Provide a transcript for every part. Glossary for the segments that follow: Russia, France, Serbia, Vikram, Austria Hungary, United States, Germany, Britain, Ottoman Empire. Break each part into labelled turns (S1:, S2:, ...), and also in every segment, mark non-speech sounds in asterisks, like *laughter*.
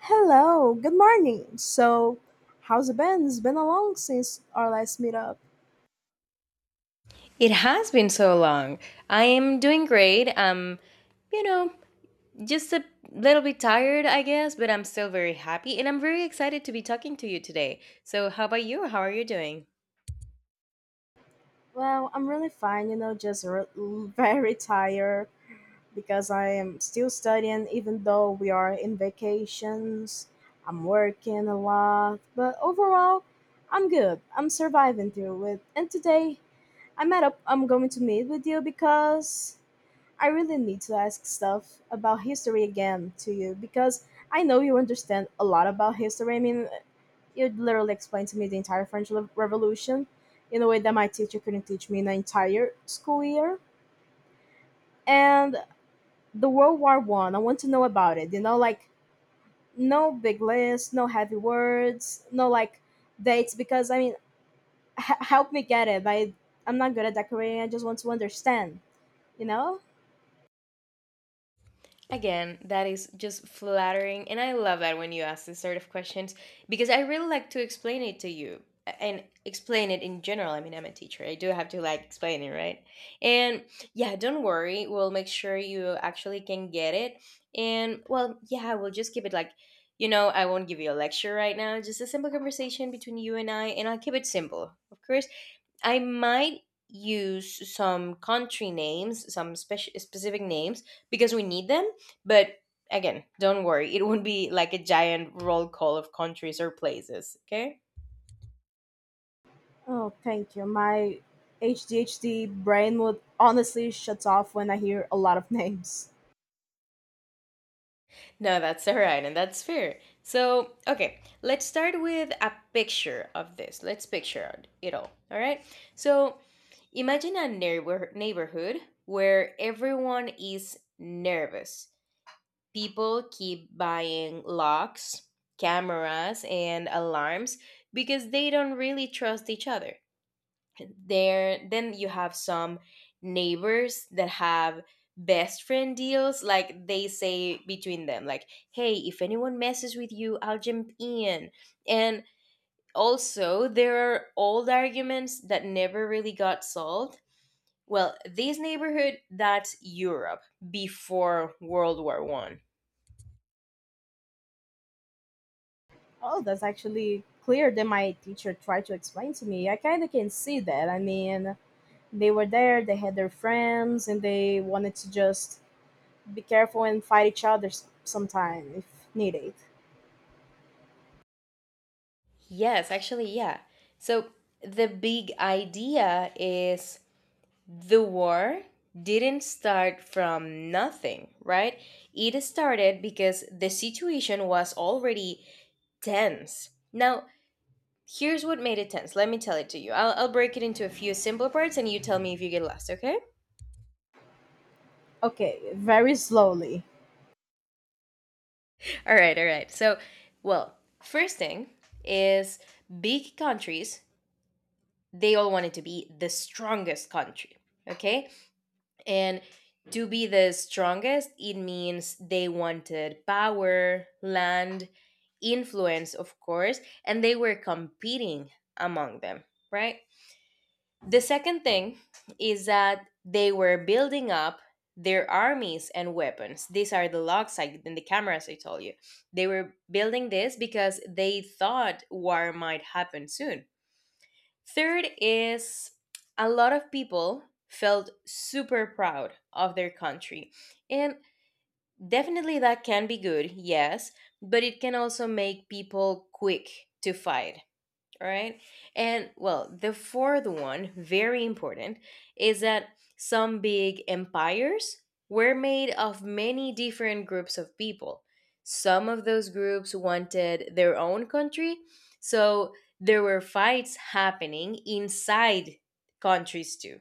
S1: Hello, good morning. How's it been? It's been a long since our last meetup.
S2: It has been so long. I am doing great. You know, just a little bit tired, I guess, but I'm still very happy and I'm very excited to be talking to you today. So, how about you? How are you doing?
S1: Well, I'm really fine, you know, *laughs* very tired because I am still studying, even though we are in vacations. I'm working a lot, but overall, I'm good. I'm surviving through it. And today, I'm going to meet with you because I really need to ask stuff about history again to you because I know you understand a lot about history. I mean, it literally explained to me the entire Revolution in a way that my teacher couldn't teach me in an entire school year. And the World War One, want to know about it. You know, like no big list, no heavy words, no like dates. Because I mean, help me get it. I'm not good at decorating. I just want to understand. You know?
S2: Again, that is just flattering. And I love that when you ask this sort of questions because I really like to explain it to you and explain it in general. I mean, I'm a teacher, I do have to like explain it, right? And yeah, don't worry. We'll make sure you actually can get it. And well, yeah, we'll just keep it like, I won't give you a lecture right now, just a simple conversation between you and I. And I'll keep it simple, of course. I might use some country names, some specific names because we need them. But again, don't worry, it won't be like a giant roll call of countries or places. Okay?
S1: Oh, thank you. My HDHD brain would honestly shuts off when I hear a lot of *laughs* names.
S2: No, that's all right, and that's fair. So, okay, let's start with a picture of this. Let's picture it all. All right. So, imagine a neighborhood where everyone is nervous, people keep buying locks, cameras, and alarms because they don't really trust each other. There, then you have some neighbors that have best friend deals. Like they say between them, like, "Hey, if anyone messes with you, I'll jump in." And also, there are old arguments that never really got solved. Well, this neighborhood, that's Europe before World War I.
S1: Oh, that's actually clearer than my teacher tried to explain to me. I kind of can see that. I mean, they were there, they had their friends, and they wanted to just be careful and fight each other sometime if needed.
S2: Yes, actually, yeah. So the big idea is the war didn't start from nothing, right? It started because the situation was already tense. Now, here's what made it tense. Let me tell it to you. I'll break it into a few simple parts and you tell me if you get lost, okay?
S1: Okay, very slowly.
S2: All right, all right. So, well, first thing is big countries, they all wanted to be the strongest country, okay? And to be the strongest, it means they wanted power, land, influence, of course, and they were competing among them, right? The second thing is that they were building up their armies and weapons. These are the logs I, and the cameras I told you. They were building this because they thought war might happen soon. Third is a lot of people felt super proud of their country. And definitely that can be good, yes, but it can also make people quick to fight. All right. And well, the fourth one, very important, is that some big empires were made of many different groups of people. Some of those groups wanted their own country. So there were fights happening inside countries too.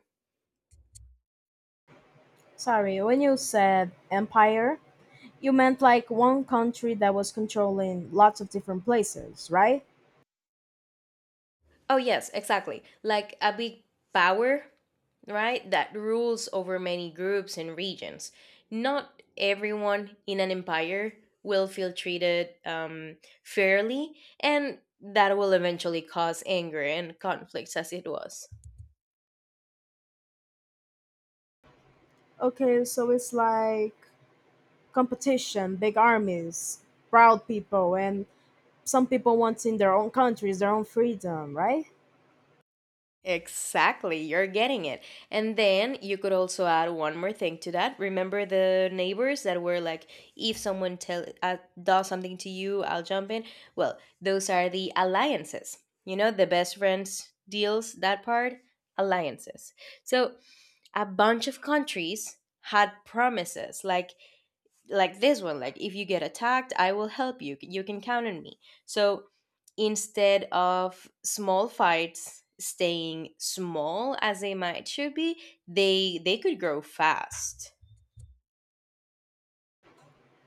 S1: Sorry, when you said empire, you meant like one country that was controlling lots of different places, right?
S2: Oh, yes, exactly. Like a big power right, that rules over many groups and regions. Not everyone in an empire will feel treated fairly, and that will eventually cause anger and conflicts, as it was.
S1: Okay, so it's like competition, big armies, proud people, and some people want in their own countries their own freedom, right?
S2: Exactly, you're getting it. And then you could also add one more thing to that. Remember the neighbors that were like, if someone tell does something to you, I'll jump in. Well, those are the alliances. You know, the best friends deals, that part, alliances. So a bunch of countries had promises like this one, like if you get attacked, I will help you, you can count on me. So instead of small fights staying small as they might should be, they could grow fast.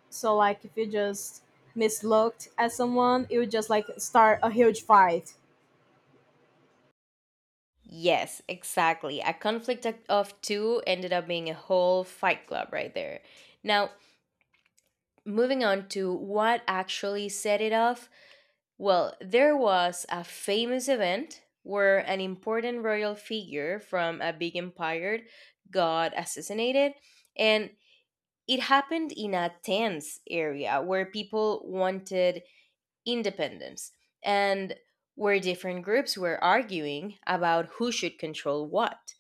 S1: So like if you just mislooked at someone, it would just like start a huge fight.
S2: Yes, exactly, a conflict of two ended up being a whole fight club right there. Now, moving on to what actually set it off. Well, there was a famous event where an important royal figure from a big empire got assassinated, and it happened in a tense area where people wanted independence and where different groups were arguing about who should control what.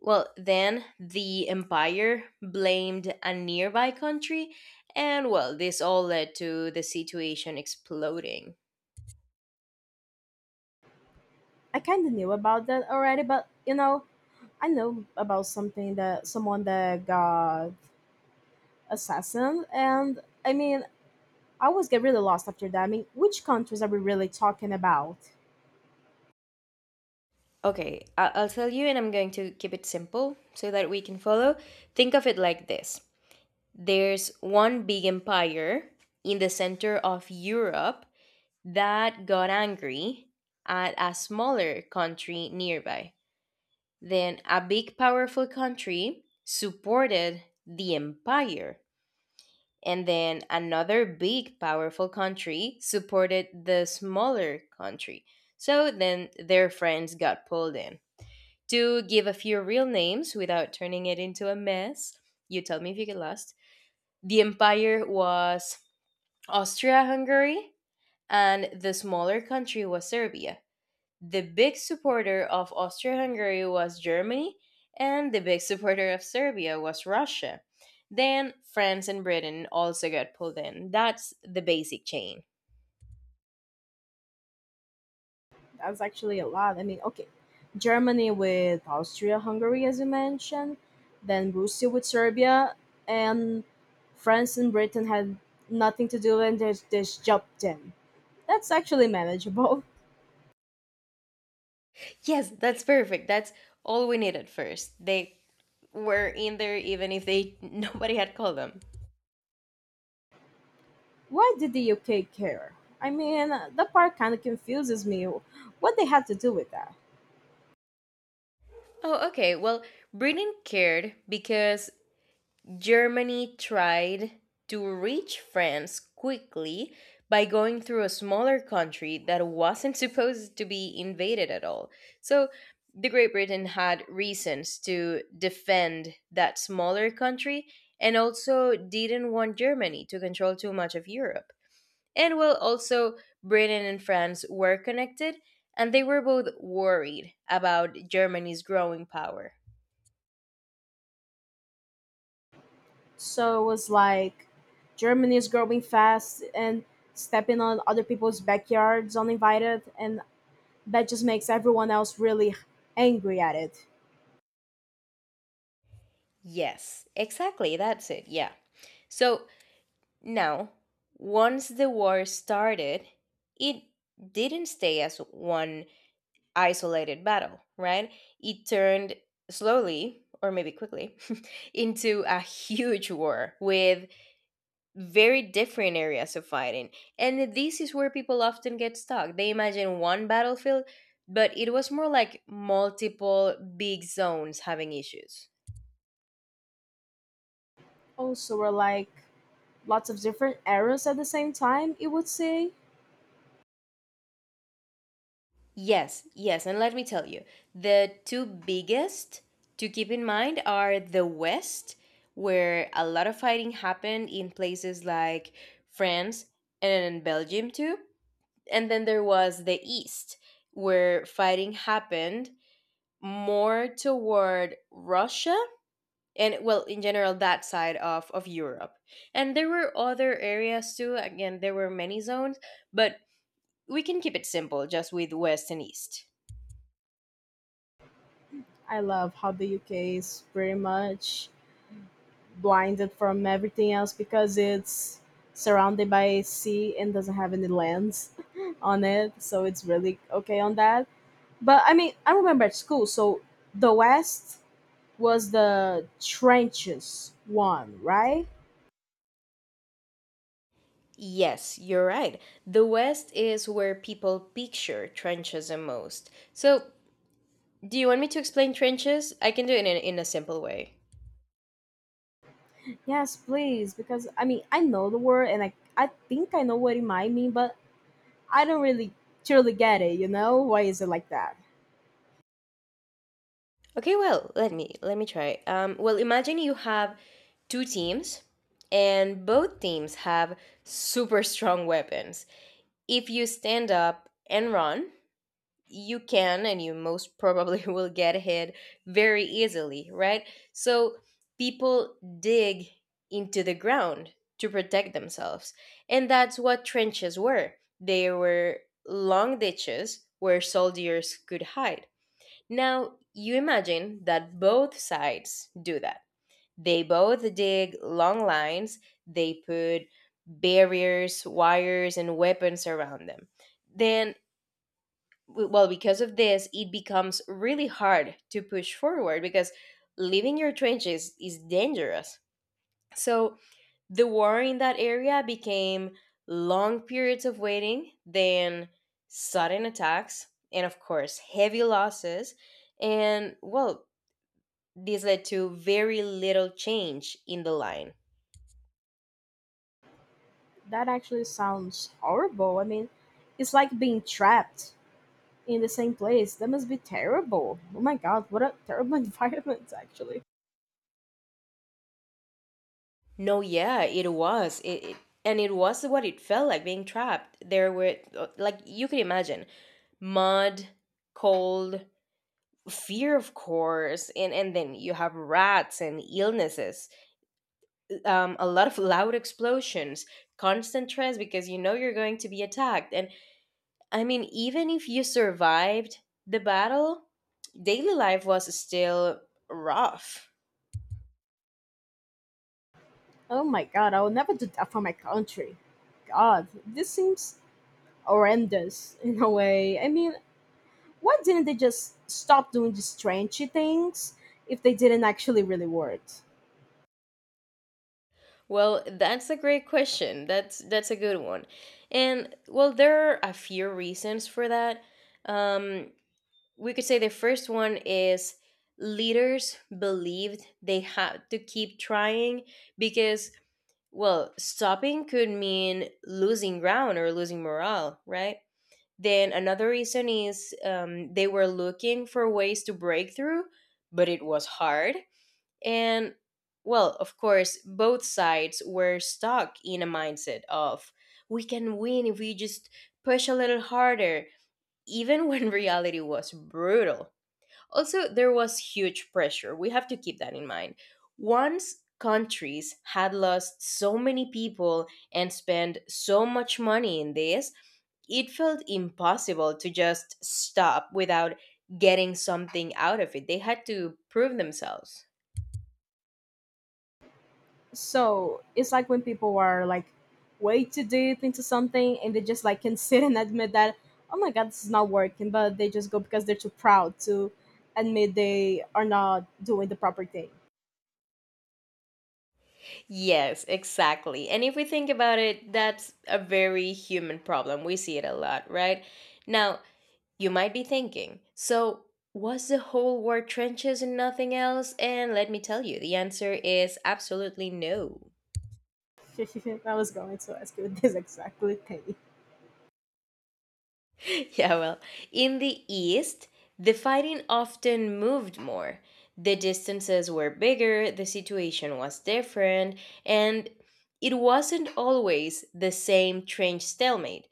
S2: Well, then the empire blamed a nearby country, and well, this all led to the situation exploding.
S1: I kind of knew about that already, but you know, I know about something, that someone that got assassin, and I mean, I always get really lost after that. I mean, which countries are we really talking about?
S2: Okay, I'll tell you, and I'm going to keep it simple so that we can follow. Think of it like this: there's one big empire in the center of Europe that got angry at a smaller country nearby. Then a big, powerful country supported the empire. And then another big, powerful country supported the smaller country. So then their friends got pulled in. To give a few real names without turning it into a mess. You tell me if you get lost. The empire was Austria Hungary, and the smaller country was Serbia. The big supporter of Austria Hungary was Germany, and the big supporter of Serbia was Russia. Then France and Britain also got pulled in. That's the basic chain.
S1: That's actually a lot. I mean, okay, Germany with Austria, Hungary, as you mentioned, then Russia with Serbia, and France and Britain had nothing to do and they just jumped in. That's actually manageable.
S2: Yes, that's perfect. That's all we needed first. They were in there even if they *laughs* nobody had called them.
S1: *laughs* Why did the UK care? I mean, that part kind of confuses me. What they had to do with that?
S2: Oh, okay. Well, Britain cared because Germany tried to reach France quickly by going through a smaller country that wasn't *laughs* supposed to be invaded at all. So, the Great Britain had reasons to defend that smaller country and also didn't want Germany to control too much of Europe. And well, also, Britain and France were connected and they were both worried about Germany's growing power.
S1: So it was like Germany is growing fast and stepping on other people's backyards uninvited, and that just makes everyone else really angry at it.
S2: Yes, exactly. That's it. Yeah. So now, once the war started, it didn't stay as one isolated battle, right? It turned slowly, or maybe quickly, *laughs* into a huge war with very different areas of fighting. And this is where people often get stuck. They imagine one battlefield, but it was more like multiple big zones having issues.
S1: Also, were like lots of different eras at the same time, it would say.
S2: Yes, yes, and let me tell you, the two biggest to keep in mind are the West, where a lot of fighting happened in places like France and Belgium too. And then there was the East, where fighting happened more toward Russia and well, in general, that side of Europe. And there were other areas too. Again, there were many zones, but we can keep it simple just with west and east.
S1: I love how the UK is pretty much blinded from everything else because it's surrounded by sea and doesn't have any lands *laughs* on it, so it's really okay on that. But I mean, I remember at school, so the West was the trenches one, right?
S2: Yes, you're right. The West is where people picture trenches the most. So, do you want me to explain trenches? I can do it in a simple way.
S1: Yes, please, because I mean I know the word and I think I know what it might mean, but I don't really truly get it, you know? Why is it like that?
S2: Okay, well, let me try. Well, imagine you have two teams, and both teams have super strong weapons. If you stand up and run, you can and you most probably *laughs* will get hit very easily, right? So people dig into the ground to protect themselves. And that's what trenches were. They were long ditches where soldiers could hide. Now, you imagine that both sides do that. They both dig long lines, they put barriers, wires, and weapons around them. Then well, because of this it becomes really hard to push forward because leaving your trenches is dangerous. So the war in that area became long periods of waiting, then sudden attacks, and of course heavy losses. And well, this led to very little change in the line.
S1: That actually sounds horrible. I mean, it's like being trapped in the same place. That must be terrible. Oh my god, what a terrible *laughs* environment actually.
S2: No, yeah, it was. It and it was what it felt like being trapped. There were, like you could imagine, mud, cold, fear of course, and then you have rats and illnesses. A lot of loud explosions, constant stress because you know you're going to be attacked. And I mean, even if you survived the battle, daily life was still rough.
S1: Oh my god, I will never do that for my country. God, this seems horrendous in a way. I mean, why didn't they just stop doing these strange things if they didn't actually really work?
S2: Well, that's a great question. That's a good one. And well, there are a few reasons for that. Um, we could say the first one is leaders believed they had to keep trying because, well, stopping could mean losing ground or losing morale, right? Then another reason is they were looking for ways to break through, but it was hard. And well, of course, both sides were stuck in a mindset of we can win if we just push a little harder, even when *laughs* reality was brutal. Also, there was huge pressure. We have to keep that in mind. Once countries had lost so many people and spent so much money in this, it felt impossible to just stop without getting something out of it. They had to prove themselves.
S1: So it's like when people are like way too deep into something and they just like can sit and admit that, oh my god, this is not working, but they just go because they're too proud to admit they are not doing the proper thing.
S2: Yes, exactly. And if we think about it, that's a very human problem. We see it a lot, right? Now, you might be thinking, so was the whole war trenches and nothing else? And let me tell you, the answer is absolutely no.
S1: *laughs* I was going to ask you *laughs* this exactly thing.
S2: *laughs* Yeah, well, in the East, the fighting often moved more. The distances were bigger, the situation was different, and it wasn't always the same trench stalemate.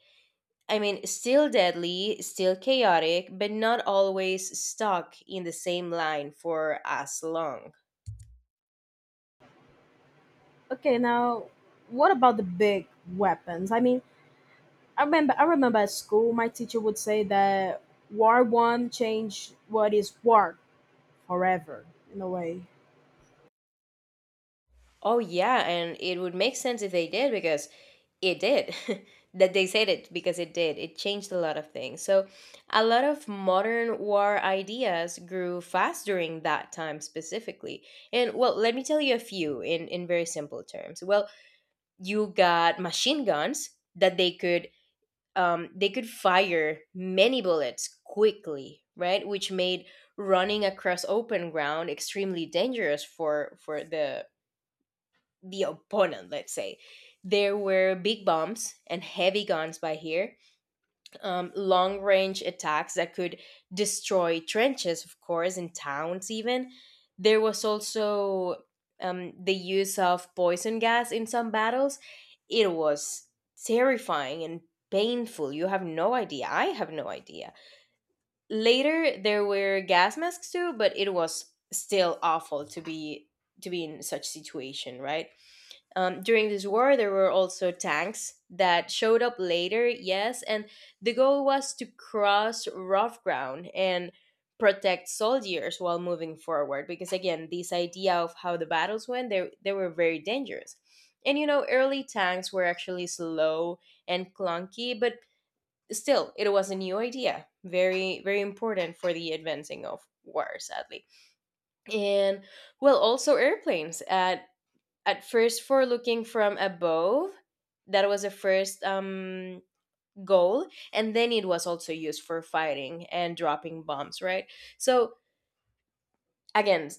S2: I mean, still deadly, still chaotic, but not always stuck in the same line for as long.
S1: Okay, now what about the big weapons? I mean, I remember at school my teacher would say that war one changed what is war forever in a way.
S2: Oh, yeah, and it would make sense if they did because it did. *laughs* That they said it because it did. It changed a lot of things. So, a lot of modern war ideas grew fast during that time specifically. And, well, let me tell you a few in very simple terms. Well, you got machine guns that they could fire many bullets quickly, right? Which made running across open ground extremely dangerous for the opponent. Let's say there were big bombs and heavy guns by here, long range attacks that could destroy trenches, of course, in towns, even. There was also the use of poison gas in some battles. It was terrifying and painful. You have no idea. I have no idea. Later, there were gas masks too, but it was still awful to be in such situation, right? During this war, there were also tanks that showed up later, yes, and the goal was to cross rough ground and protect soldiers while moving forward. Because again, this idea of how the battles went, they were very dangerous. And you know, early tanks were actually slow and clunky, but still, it was a new idea. Very, very important for the advancing of war, sadly. And well, also airplanes. At first for looking from above, that was the first goal, and then it was also used for fighting and dropping bombs, right? So, again,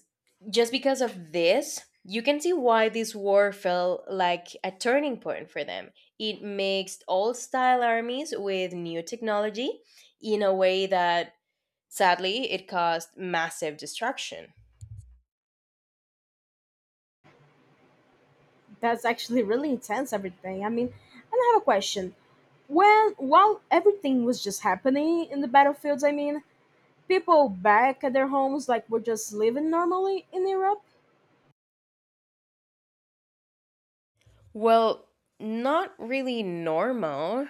S2: just because of this, you can see why this war felt like a turning point for them. It mixed old style armies with new technology in a way that, sadly, it caused massive destruction.
S1: That's actually really intense, everything. I mean, and I have a question. When, while everything was just happening in the battlefields, I mean, people back at their homes, like, were just living normally in Europe?
S2: Well, not really normal.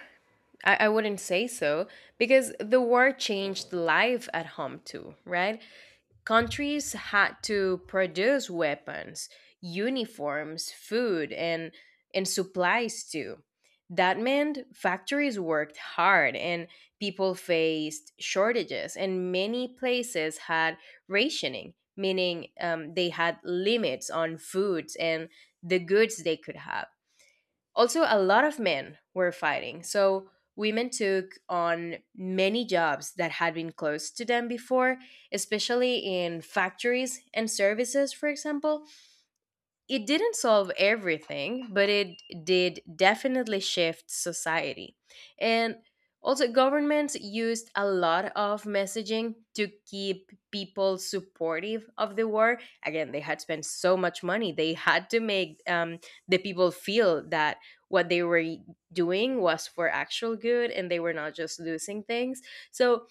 S2: I wouldn't say so, because the war changed life at home too, right? Countries had to produce weapons, uniforms, food, and supplies too. That meant factories worked hard and people faced shortages, and many places had rationing, meaning they had limits on foods and the goods they could have. Also, a lot of men were fighting, so women took on many jobs that had been closed to them before, especially in factories and services, for example. It didn't solve everything, but it did definitely shift society. And also, governments used a lot of messaging to keep people supportive of the war. Again, they had spent so much money. They had to make the people feel that what they were doing was for actual good and they were not just losing things. So,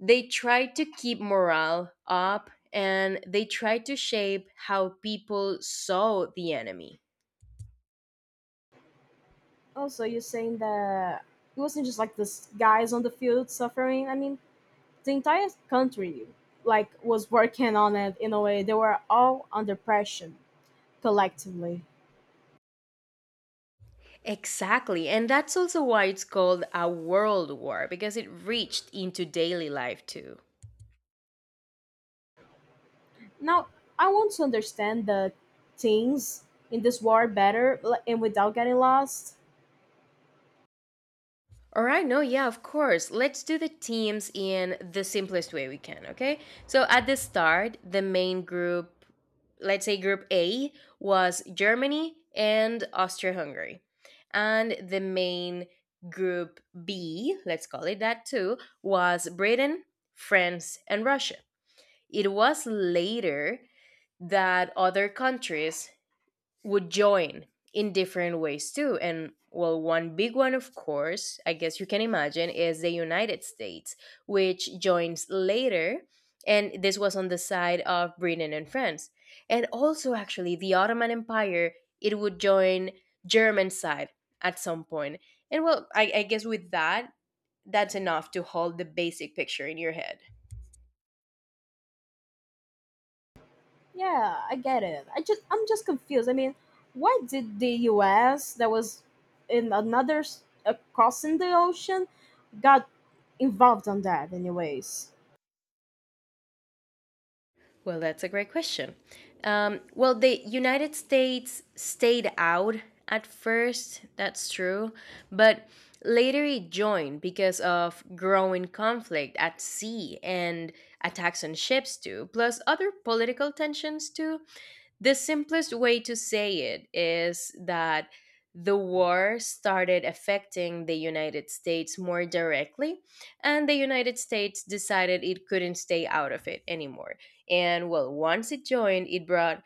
S2: they try to keep morale up and they try to shape how people saw the enemy.
S1: Also, you're saying that it wasn't just like this guys on the field suffering. I mean, the entire country, like, was working on it in a way. They were all under pressure collectively.
S2: Exactly. And that's also why it's called a world war, because it reached into daily life too.
S1: Now, I want to understand the things in this war better like, and without getting lost.
S2: All right, no, yeah, of course. Let's do the teams in the simplest way we can, okay? So at the start, the main group, let's say group A, was Germany and Austria Hungary. And the main group B, let's call it that too, was Britain, France, and Russia. It was later that other countries would join in different ways too. And well, one big one, of course, I guess you can imagine, is the United States, which joins later. And this was on the side of Britain and France. And also, actually, the Ottoman Empire, it would join German side at some point. And well, I guess with that, that's enough to hold the basic picture in your head.
S1: Yeah, I get it. I'm just confused. I mean, why did the US that was in another crossing the ocean got involved on that anyways?
S2: Well, that's a great question. Well, the United States stayed out at first, that's true, but later it joined because of growing conflict at sea and attacks on ships, too, plus other political tensions, too. The simplest way to say it is that the war started affecting the United States more directly, and the United States decided it couldn't stay out of it anymore. And well, once it joined, it brought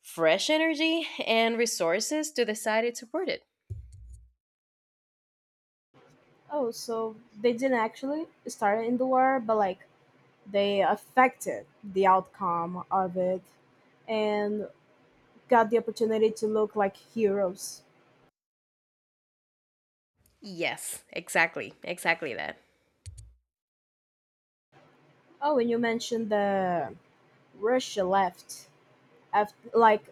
S2: fresh energy and resources to the side it supported.
S1: Oh, so they didn't actually start in the war, but like they affected the outcome of it and got the opportunity to look like heroes.
S2: Yes, exactly, exactly that.
S1: Oh, and you mentioned the Russia left. Af Like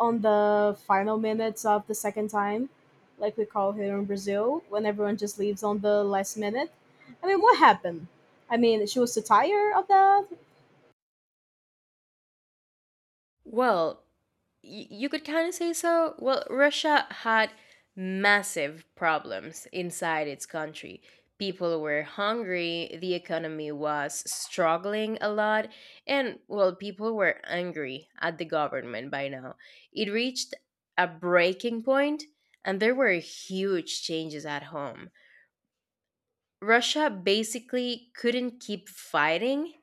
S1: on the final minutes of the second time, like we call here in Brazil, when everyone just leaves on the last minute. I mean, what happened? I mean, she was too tired of that.
S2: Well, you could kind of say so. Well, Russia had massive problems inside its country. People were hungry, the economy was struggling a lot, and well, people were angry at the government by now. It reached a breaking point, and there were huge changes at home. Russia basically couldn't keep fighting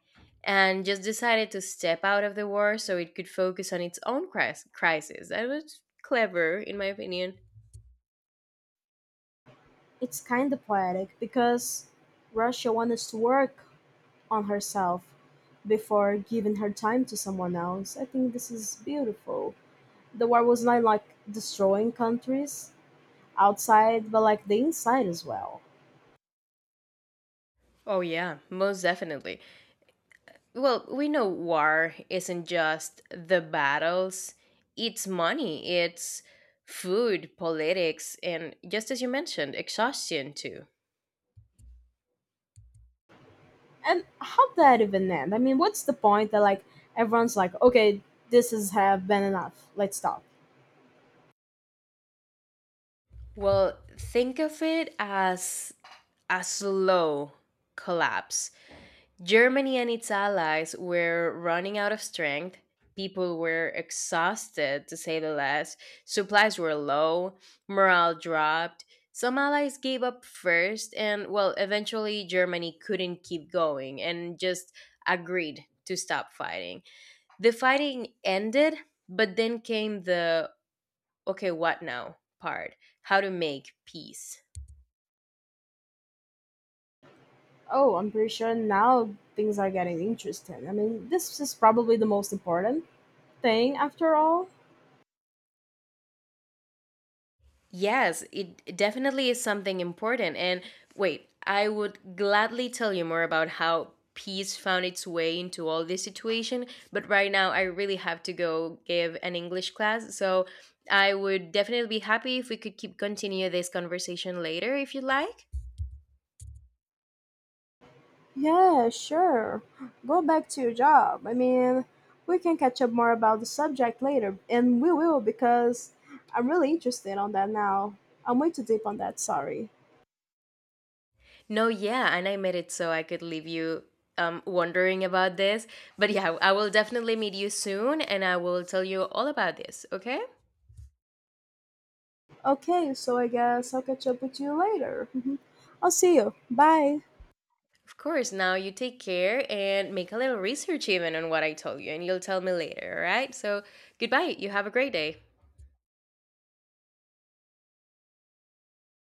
S2: and just decided to step out of the war so it could focus on its own crisis. That was clever, in my opinion.
S1: It's kind of poetic because Russia wants to work on herself before giving her time to someone else. I think this is beautiful. The war was not like destroying countries outside, but like the inside as well.
S2: Oh, yeah, most definitely. Well, we know war isn't just the battles, it's money, it's food, politics, and just as you mentioned, exhaustion too.
S1: And how that even end? I mean, what's the point that like everyone's like, okay, this has have been enough. Let's stop.
S2: Well, think of it as a slow collapse. Germany and its allies were running out of strength. People were exhausted, to say the least. Supplies were low, morale dropped. Some allies gave up first, and well, eventually Germany couldn't keep going and just agreed to stop fighting. The fighting ended, but then came the okay, what now part. How to make peace.
S1: Oh, I'm pretty sure now things are getting interesting. I mean, this is probably the most important thing after all.
S2: Yes, it definitely is something important. And wait, I would gladly tell you more about how peace found its way into all this situation, but right now I really have to go give an English class. So I would definitely be happy if we could keep continue this conversation later if you like.
S1: Yeah, sure. Go back to your job. I mean, we can catch up more about the subject later, and we will because I'm really interested on that now. I'm way too deep on that. Sorry.
S2: No, yeah, and I made it so I could leave you wondering about this. But yeah, I will definitely meet you soon and I will tell you all about this, okay?
S1: Okay, so I guess I'll catch up with you later. *laughs* I'll see you. Bye.
S2: Of course. Now you take care and make a little research even on what I told you, and you'll tell me later, all right? So, goodbye. You have a great day.